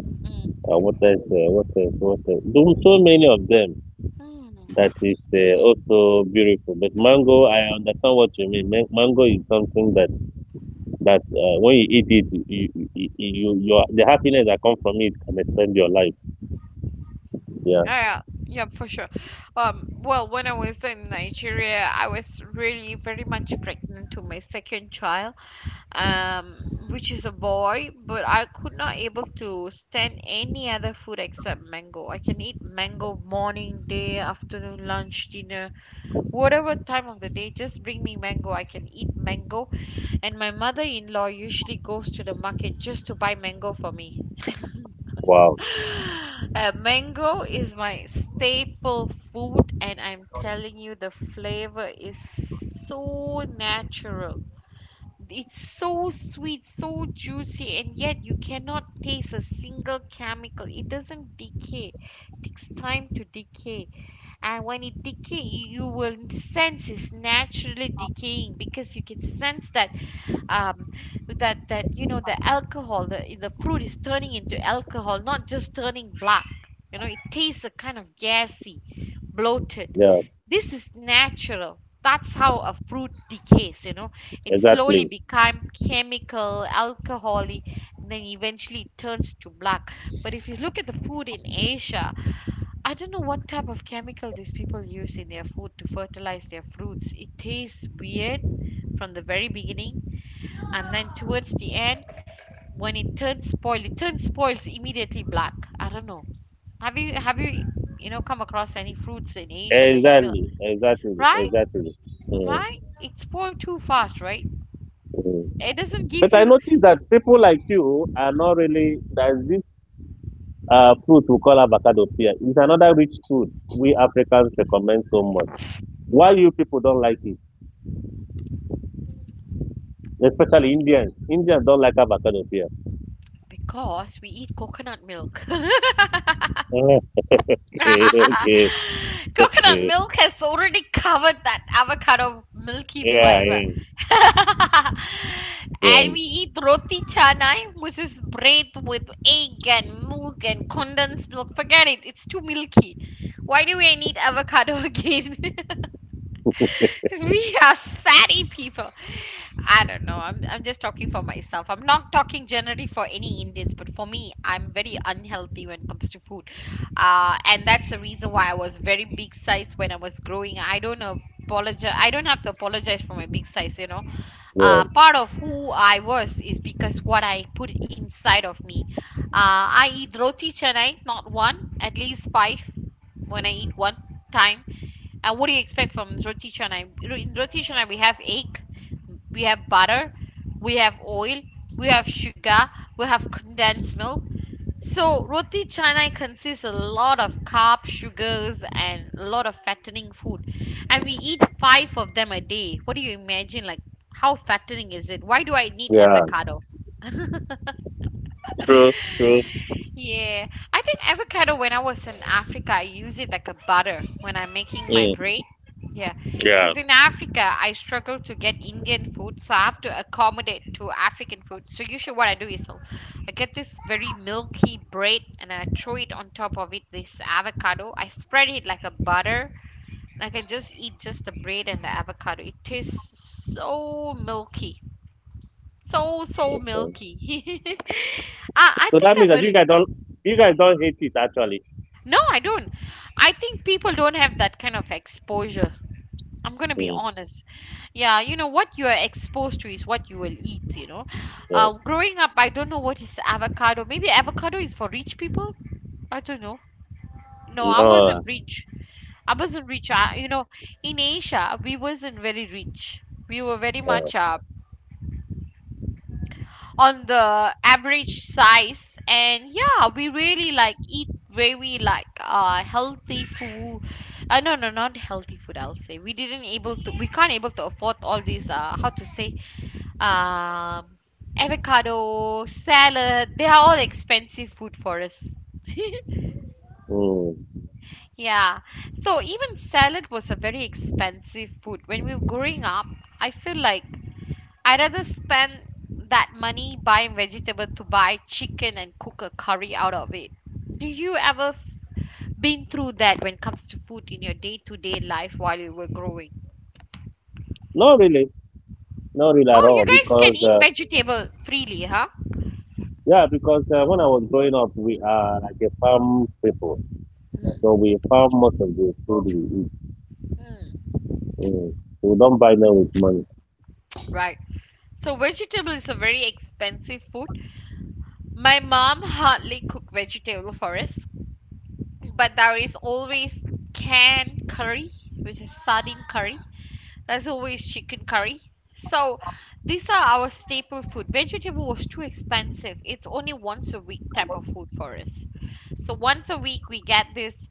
mm, what is what is what is do- so many of them mm, mm. that is also beautiful. But mango, I understand what you mean. Mango is something that when you eat it, your the happiness that comes from it can extend your life. Yeah. Yeah, yeah, for sure. Well, when I was in Nigeria, I was really very much pregnant to my second child, um, which is a boy, but I could not able to stand any other food except mango. I can eat mango morning, day, afternoon, lunch, dinner, whatever time of the day. Just bring me mango. I can eat mango, and my mother-in-law usually goes to the market just to buy mango for me. Wow. Mango is my staple food, and I'm telling you, the flavor is so natural, it's so sweet, so juicy, and yet you cannot taste a single chemical. It doesn't decay. It takes time to decay. And when it decay, you will sense it's naturally decaying, because you can sense that um you know, the alcohol, the fruit is turning into alcohol, not just turning black. You know, it tastes a kind of gassy, bloated. Yeah. This is natural, that's how a fruit decays, you know. It slowly Exactly. become chemical, alcoholic, and then eventually it turns to black. But if you look at the food in asia, I don't know what type of chemical these people use in their food to fertilize their fruits. It tastes weird from the very beginning, and then towards the end when it turns spoiled, it turns spoils immediately black. I don't know. Have you you know, come across any fruits in asia that you feel... Exactly. Right. Exactly. Mm, Right? It's spoiled too fast, right? mm. It doesn't But give I you... noticed that people like you are not really there's this fruit we call avocado pear. It's another rich food we Africans recommend so much. Why you people don't like it? Especially Indians. Indians don't like avocado pear. Because we eat coconut milk. Okay, okay, Coconut okay. milk has already covered that avocado milky Yeah, flavor. yeah, And yeah, we eat roti canai, which is bread with egg and milk and condensed milk. Forget it, it's too milky. Why do we need avocado again? We are fatty people. I don't know. I'm just talking for myself. I'm not talking generally for any Indians, but for me, I'm very unhealthy when it comes to food. And that's the reason why I was very big size when I was growing. I don't apologize. I don't have to apologize for my big size, you know. yeah, Part of who I was is because what I put inside of me. I eat roti canai, not one, at least five when I eat one time. And what do you expect from roti canai? In roti canai, we have egg, we have butter, we have oil, we have sugar, we have condensed milk. So roti canai consists a lot of carbs, sugars, and a lot of fattening food. And we eat five of them a day. What do you imagine? Like, how fattening is it? Why do I need yeah. avocado? True, true. Yeah, I think avocado when I was in Africa, I use it like a butter when I'm making my Mm, bread. Yeah, yeah. because in Africa, I struggle to get Indian food, so I have to accommodate to African food. So usually what I do is I get this very milky bread and I throw it on top of it, this avocado. I spread it like a butter. I can just eat just the bread and the avocado. It tastes so milky. So, so Yeah. milky. I So think that means I'm that a. You guys don't hate it actually. No, I don't. I think people don't have that kind of exposure. I'm going to be Mm, honest. Yeah, what you're exposed to is what you will eat. yeah. Growing up, I don't know what is avocado. Maybe avocado is for rich people? I don't know. No, I No. wasn't rich. I wasn't rich. I, in Asia, we wasn't very rich. We were very uh, much on the average size, and yeah, we really like eat very like healthy food. No, not healthy food, I'll say. We can't able to afford all these, how to say, um avocado salad. They are all expensive food for us. Mm. Yeah, so even salad was a very expensive food when we were growing up. I feel like I rather spend that money buying vegetable to buy chicken and cook a curry out of it. Do you ever been through that when it comes to food in your day-to-day life while you were growing? Not really, not really at Oh, you all. guys can Because eat vegetable freely, huh? Yeah, because when I was growing up, we are like a farm people, so Mm, we farm most of the food we eat. mm, Mm. So we don't buy them with money. right. So vegetable is a very expensive food. My mom hardly cook vegetable for us, but there is always canned curry, which is sardine curry, as always chicken curry. So these are our staple food. Vegetable was too expensive. It's only once a week type of food for us. So once a week we get this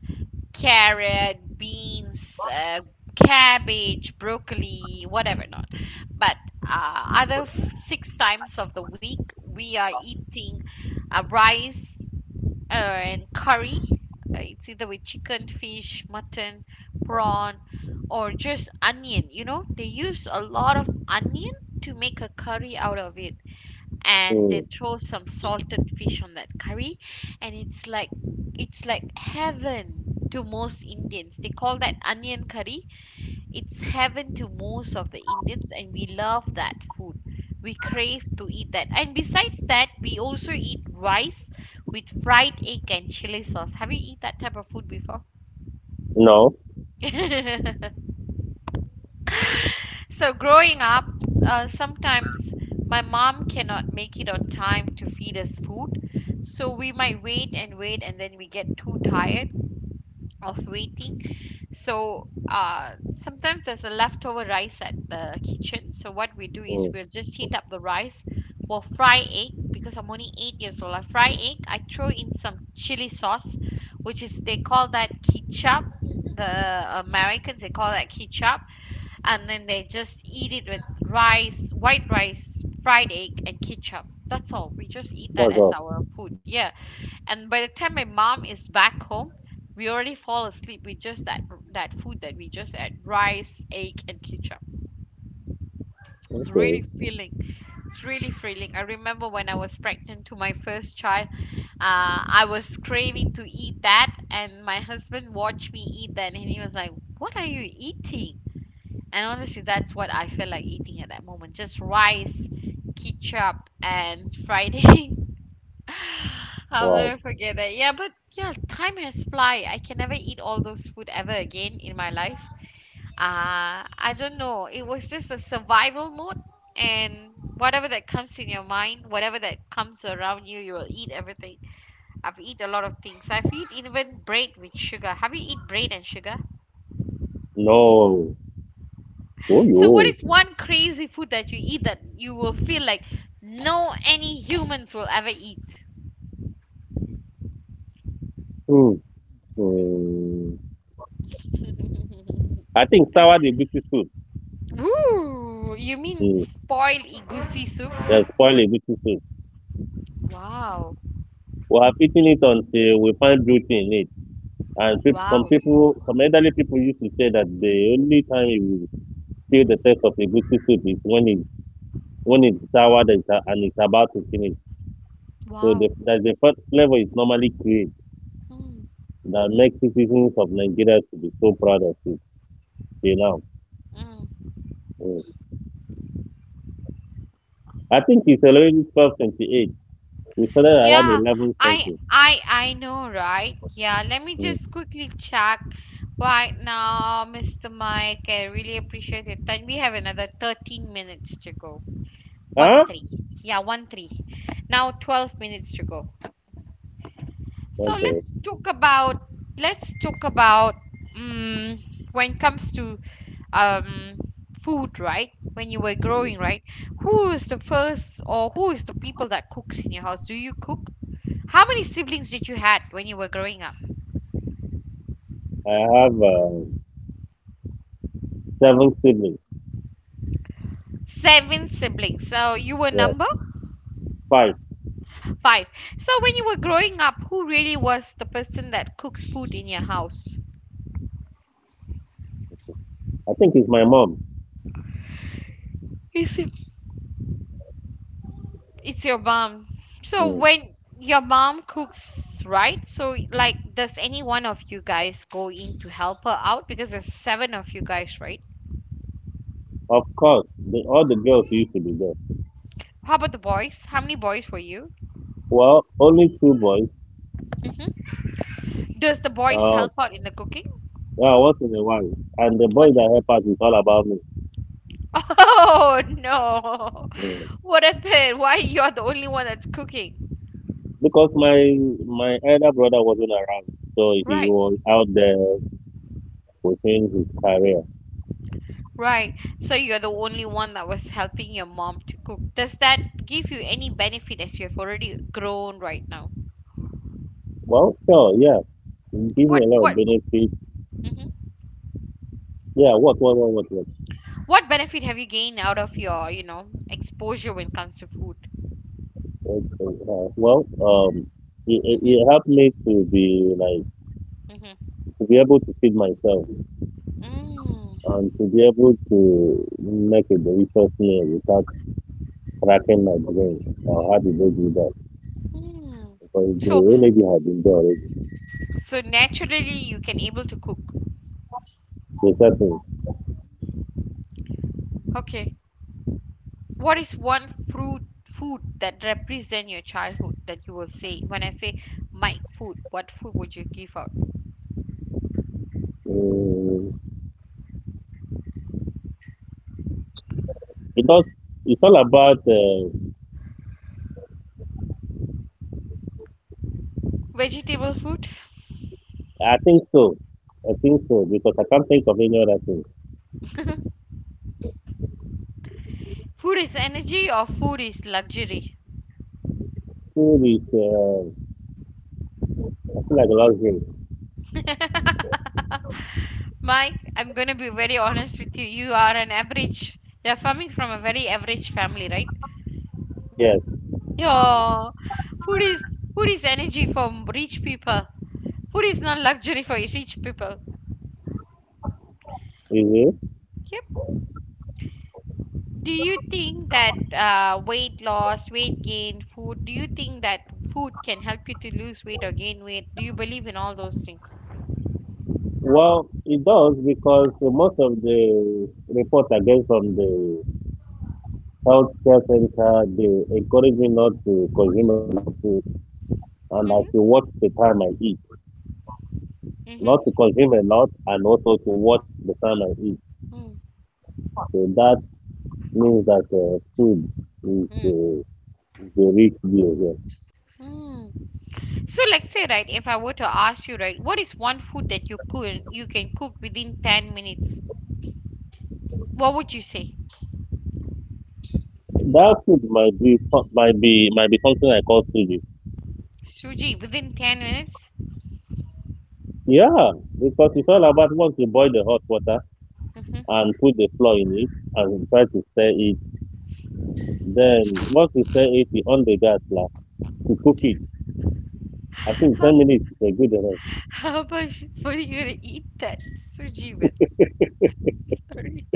carrot, beans, cabbage, broccoli, whatever not. But other six times of the week, we are eating rice, and curry. It's either with chicken, fish, mutton, prawn, or just onion. You know, they use a lot of onion to make a curry out of it, and they Mm. throw some salted fish on that curry, and it's like heaven to most Indians. They call that onion curry. It's heaven to most of the Indians, and we love that food. We crave to eat that. And besides that, we also eat rice with fried egg and chili sauce. Have you eat that type of food before? No, So growing up, sometimes my mom cannot make it on time to feed us food. So we might wait and wait and then we get too tired of waiting. So sometimes there's a leftover rice at the kitchen. So what we do is mm. we'll just heat up the rice. We'll fry egg because I'm only 8 years old. I fry egg. I throw in some chili sauce, which is they call that ketchup. The Americans, they call that ketchup, and then they just eat it with rice, white rice, fried egg, and ketchup. That's all. We just eat that That's as all. our food. Yeah. And by the time my mom is back home, we already fall asleep with just that food that we just had, rice, egg, and ketchup. It's really Okay, filling. It's really filling. I remember when I was pregnant to my first child, I was craving to eat that, and my husband watched me eat that, and he was like, "What are you eating?" And honestly, that's what I feel like eating at that moment. Just rice, ketchup, and fried egg. I'll wow. never forget that. Yeah, but yeah, time has fly. I can never eat all those food ever again in my life. I don't know. It was just a survival mode, and whatever that comes in your mind, whatever that comes around you, you will eat everything. I've eat a lot of things. I've eat even bread with sugar. Have you eat bread and sugar? No, oh So what yo. is one crazy food that you eat that you will feel like no any humans will ever eat? Mm. Mm. I think sour the beauty soup. Ooh, you mean Mm. spoiled egusi soup? Yeah, spoil the beauty soup. Wow. We have eaten it until we find beauty in it. And peop some Wow. people, some elderly people used to say that the only time you feel the text of a good soup is when it's soured and it's about to finish. So Wow. that's the first flavor is normally created Mm, that makes citizens of Nigeria to be so proud of it till now. mm. Mm. I think it's already 12:28. We started around Yeah, 11 I something. I I know, right? Yeah, let me Mm. just quickly check right now, Mr. Mike. I really appreciate your time. We have another 13 minutes to go. Huh? 13. Yeah, 13. Now 12 minutes to go. So Okay. Let's talk about, um, when it comes to, um food, right? When you were Mm. growing, right? Who is the first, or who is the people that cooks in your house? Do you cook? How many siblings did you had when you were growing up? I have seven siblings. Seven siblings. So you were Yeah, number five. five. So when you were growing up, who really was the person that cooks food in your house? I think it's my mom. Is it It's your mom. So Mm. when your mom cooks, right? So, like, does any one of you guys go in to help her out because there's seven of you guys, right? Of course, all the girls used to be there. How about the boys? How many boys were you? Well, only two boys. Hmm. Does the boys Um, help out in the cooking? Yeah, once in a while. And the boys What's your that help us is all about me. Oh, no. Mm. What happened? Why you're the only one that's cooking? Because my elder brother wasn't around, so he Right. was out there pursuing his career. Right. So you're the only one that was helping your mom to cook. Does that give you any benefit as you've already grown right now? Well, sure, yeah, it gave What me a lot of what benefits. Mhm. Yeah, what, what? What benefit have you gained out of your exposure when it comes to food? Okay, uh, well, um, it, it Mm-hmm, it helped me to be like mm-hmm. to be able to feed myself Mm, and to be able to make a delicious meal without cracking my brain. Or how did they do that? mm. Because So, the energy had been there already. so naturally you can able to cook. The Okay. What is one fruit food that represent your childhood that you will say? When I say my food, what food would you give out? setting. Because it's all about, Vegetable food? I think so. I think so, because I can't think of any other thing. Food is energy or food is luxury? Food is I feel like luxury. Mike, I'm going to be very honest with you. You are an average. You're coming from a very average family, right? Yes, Your food is energy for rich people. Food is not luxury for rich people. is it? Yep. Do you think that, weight loss, weight gain, food? Do you think that food can help you to lose weight or gain weight? Do you believe in all those things? Well, it does because most of the reports I get from the healthcare center, they encourage me not to consume a lot of food and I Mm-hmm. should watch the time I eat. Mm-hmm. Not to consume a lot and also to watch the time I eat. Mm-hmm. So that means that food is uh, is a rich deal. Mm-hmm. So let's say right, if I were to ask you right, what is one food that you can cook within 10 minutes? What would you say, That food might be might be something I call suji. Suji? Within 10 minutes? Yeah, because it's all Mm-hmm. about once you boil the hot water and put the flour in it and try to stir it. Then once you stir it, you on the gas now to cook it. I think ten How minutes is a good enough. how much food are you gonna eat that Suji with? Sorry,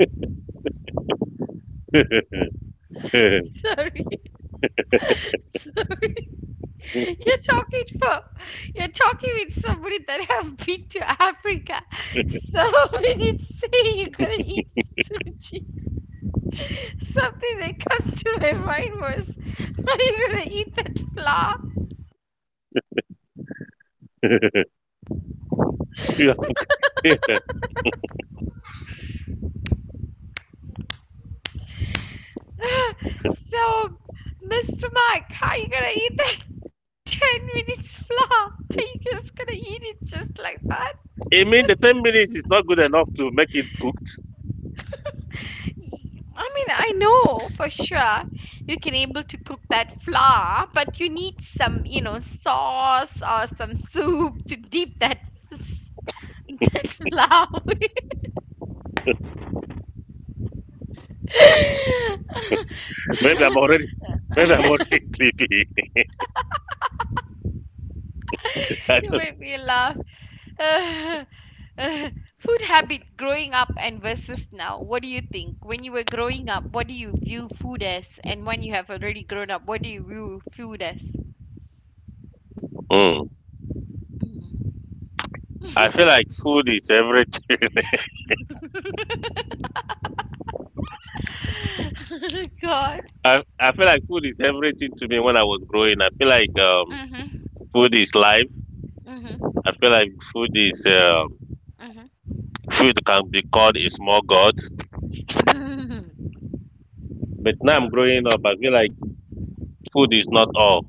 sorry, sorry. You're talking for you're talking with somebody that have been to Africa. So when you say you're gonna eat Suji. Something that comes to my mind was, are you gonna eat that flour? You are clear. So, Mr. Mike, how you gonna eat that 10 minutes flour? Are you just gonna eat it just like that? It means the 10 minutes is not good enough to make it cooked. I mean, I know for sure you can able to cook that flour, but you need some sauce or some soup to dip that that flour. With. Maybe I'm already maybe I'm already sleepy. I, You don't- make me laugh. Uh, uh, food habit growing up and versus now. What do you think? When you were growing up, what do you view food as? And when you have already grown up, what do you view food as? Hmm. Mm. I feel like food is everything. God. I feel like food is everything to me when I was growing. I feel like Mhm. food is life. Mhm. I feel like Mhm. food can be called a small god. Mhm. But now I'm growing up. I feel like food is not all.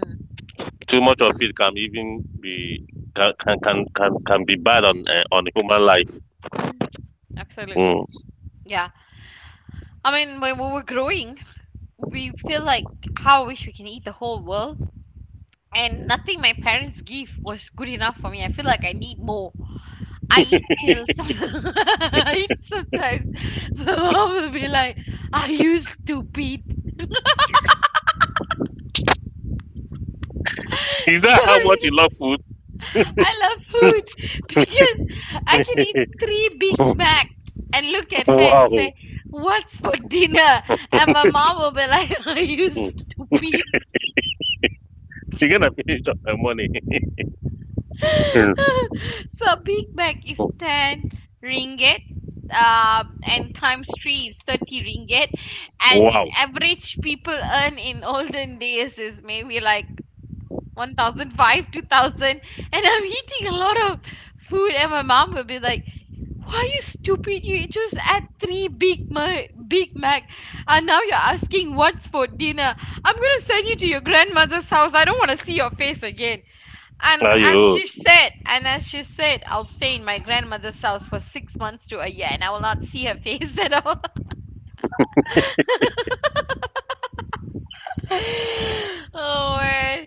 Too much of it can even be can be bad on human life. Mm. Absolutely. Mm. Yeah. I mean, when we were growing, we feel like how I wish we can eat the whole world. And nothing my parents give was good enough for me. I feel like I need more. I eat till I eat sometimes. My mom will be like, "Are you stupid?" Is that how much you Sorry, love food? I love food because I can eat three Big Mac and look at her and Wow. say, "What's for dinner?" And my mom will be like, "Are you Mm. stupid?" You're gonna finish up my money. So Big Mac is Mm. 10 ringgit, and times 3 is 30 ringgit, and Wow. average people earn in olden days is maybe like 1005 2000, and I'm eating a lot of food, and my mom will be like, why you stupid? You just add three big mac, and now you're asking what's for dinner? I'm gonna send you to your grandmother's house. I don't want to see your face again. And Are as you? she said, and as she said, I'll stay in my grandmother's house for 6 months to a year, and I will not see her face at all. Oh, man.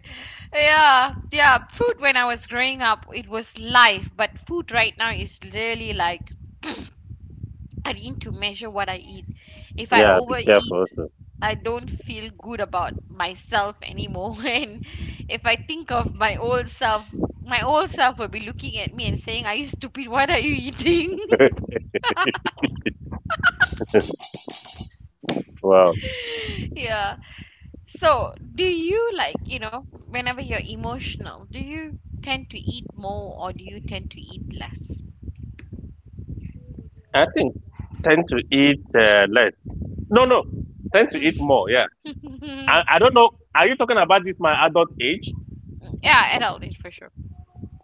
Yeah, yeah. Food when I was growing up, it was life, but food right now is really like I need to measure what I eat. If I Yeah. Be overeat, careful. Also. I don't feel good about myself anymore. And if I think of my old self will be looking at me and saying, "Are you stupid? What are you eating?" Wow. Yeah. So, do you like, whenever you're emotional, do you tend to eat more or do you tend to eat less? I think tend to eat less. No, no, tend to eat more. Yeah, I don't know. Are you talking about this my adult age? Yeah, adult age for sure.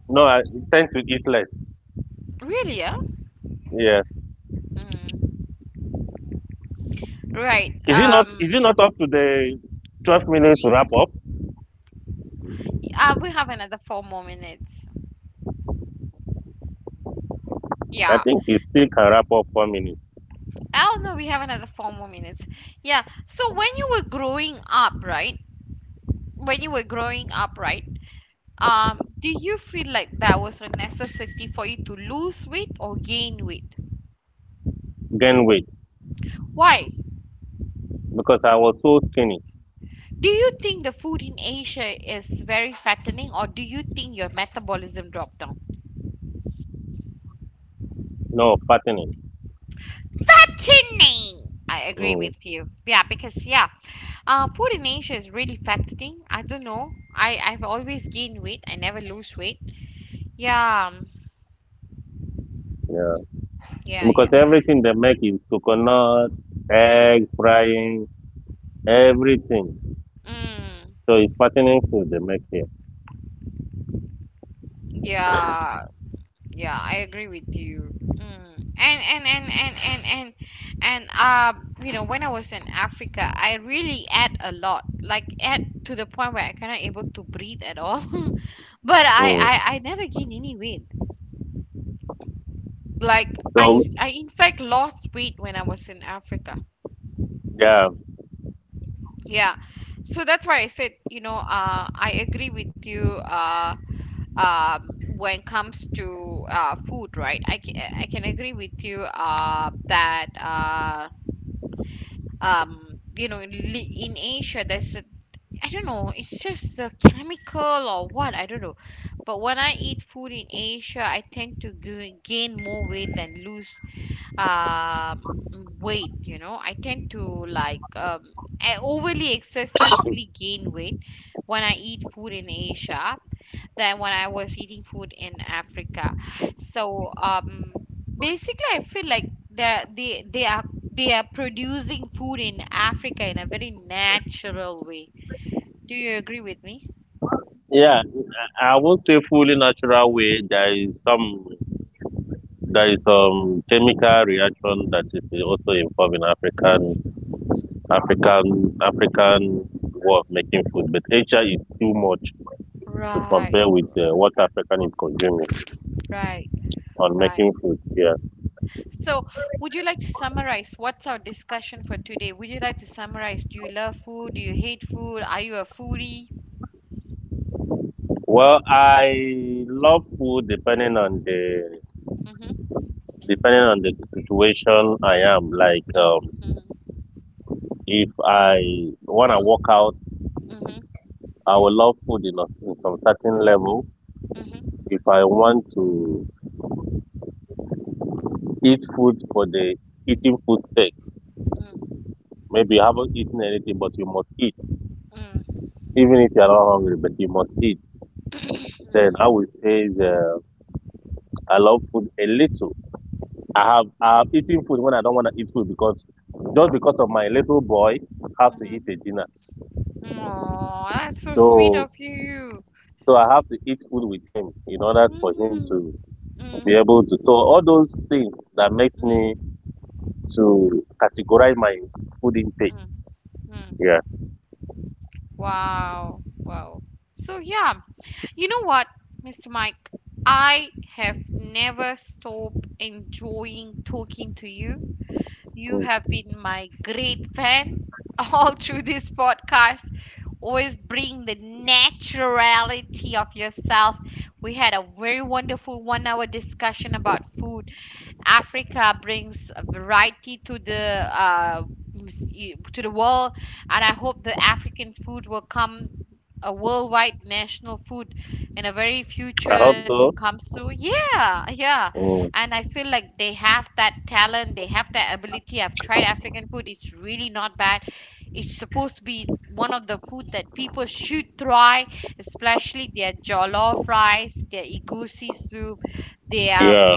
No, I tend to eat less. Really, yeah? Yeah, Mm. Right. is it not? Is it not up to the 12 minutes to y- wrap up? We have another four more minutes. I Yeah. think you still can wrap up 4 minutes. Oh no, we have another four more minutes. Yeah. So when you were growing up, right? When you were growing up, right? Do you feel like there was a necessity for you to lose weight or gain weight? Gain weight Why? because I was so skinny. Do you think the food in Asia is very fattening or do you think your metabolism dropped down? No fattening. Fattening! I agree Mm, with you. Yeah, because food in Asia is really fattening. I don't know. I've always gained weight. I never lose weight. Yeah, um, yeah, yeah, because yeah. everything they make is coconut, Mm. egg, frying, everything. Mm, So it's fattening food they make here. yeah, yeah, I agree with you. Mm. And and and and and and and you know, when I was in Africa, I really ate a lot, like ate to the point where I cannot able to breathe at all. But I Mm. I I never gained any weight. Like I So I in fact lost weight when I was in Africa. yeah. Yeah, so that's why I said, I agree with you. When it comes to food, right? I can agree with you that you know in Asia there's I don't know it's just a chemical or what I don't know, but when I eat food in Asia, I tend to gain more weight than lose um weight. You know, I tend to I overly excessively gain weight when I eat food in Asia than when I was eating food in Africa. So basically, I feel like that they are producing food in Africa in a very natural way. Do you agree with me? Yeah, I won't say fully natural way. There is some chemical reaction that is also involved in Mm. African way of making food, but HR is too much to Right, compare with what African is consuming right, on right. making food. Yeah. So, would you like to summarize what's our discussion for today? Would you like to summarize? Do you love food? Do you hate food? Are you a foodie? Well, I love food Mm-hmm. depending on the situation I am. Like Mm-hmm. if I wanna work out, Mm-hmm. I will love food in, a, in some certain level if I want to eat food for the eating food sake, Mm-hmm. maybe you haven't eaten anything, but you must eat. Mm-hmm. Even if you are not hungry, but you must eat. Then I would say the, I love food a little. I have eaten food when I don't want to eat food because just because of my little boy I have to Mm-hmm. eat a dinner. Oh, that's so sweet So of you. so I have to eat food with him in order Mm, for him mm, to be mm, able to. So all those things that makes me mm, to categorize my food intake. mm. Mm. Yeah, Wow, wow. So, yeah, you know what, Mr. Mike? I have never stopped enjoying talking to you. You mm. have been my great fan all through this podcast. Always bring the naturality of yourself. We had a very wonderful 1 hour discussion about food. Africa brings a variety to the uh, mus- to the world, and I hope the African food will come a worldwide national food in a very I future hope to so. come soon. Yeah, yeah, Mm. and I feel like they have that talent, they have that ability. I've tried African food; it's really not bad. It's supposed to be one of the food that people should try, especially their jollof rice, their egusi soup, their Yeah.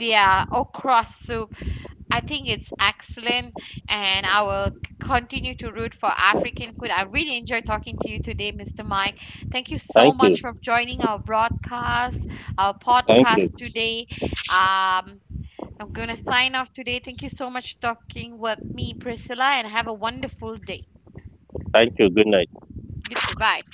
yeah, okra soup. I think it's excellent, and I will continue to root for African food. I really enjoyed talking to you today, Mr. Mike. Thank you so Thank much you. for joining our broadcast, our Thank you. podcast today. Um, I'm gonna sign off today. Thank you so much for talking with me, Priscilla, and have a wonderful day. Thank you. Good night. You too. Bye.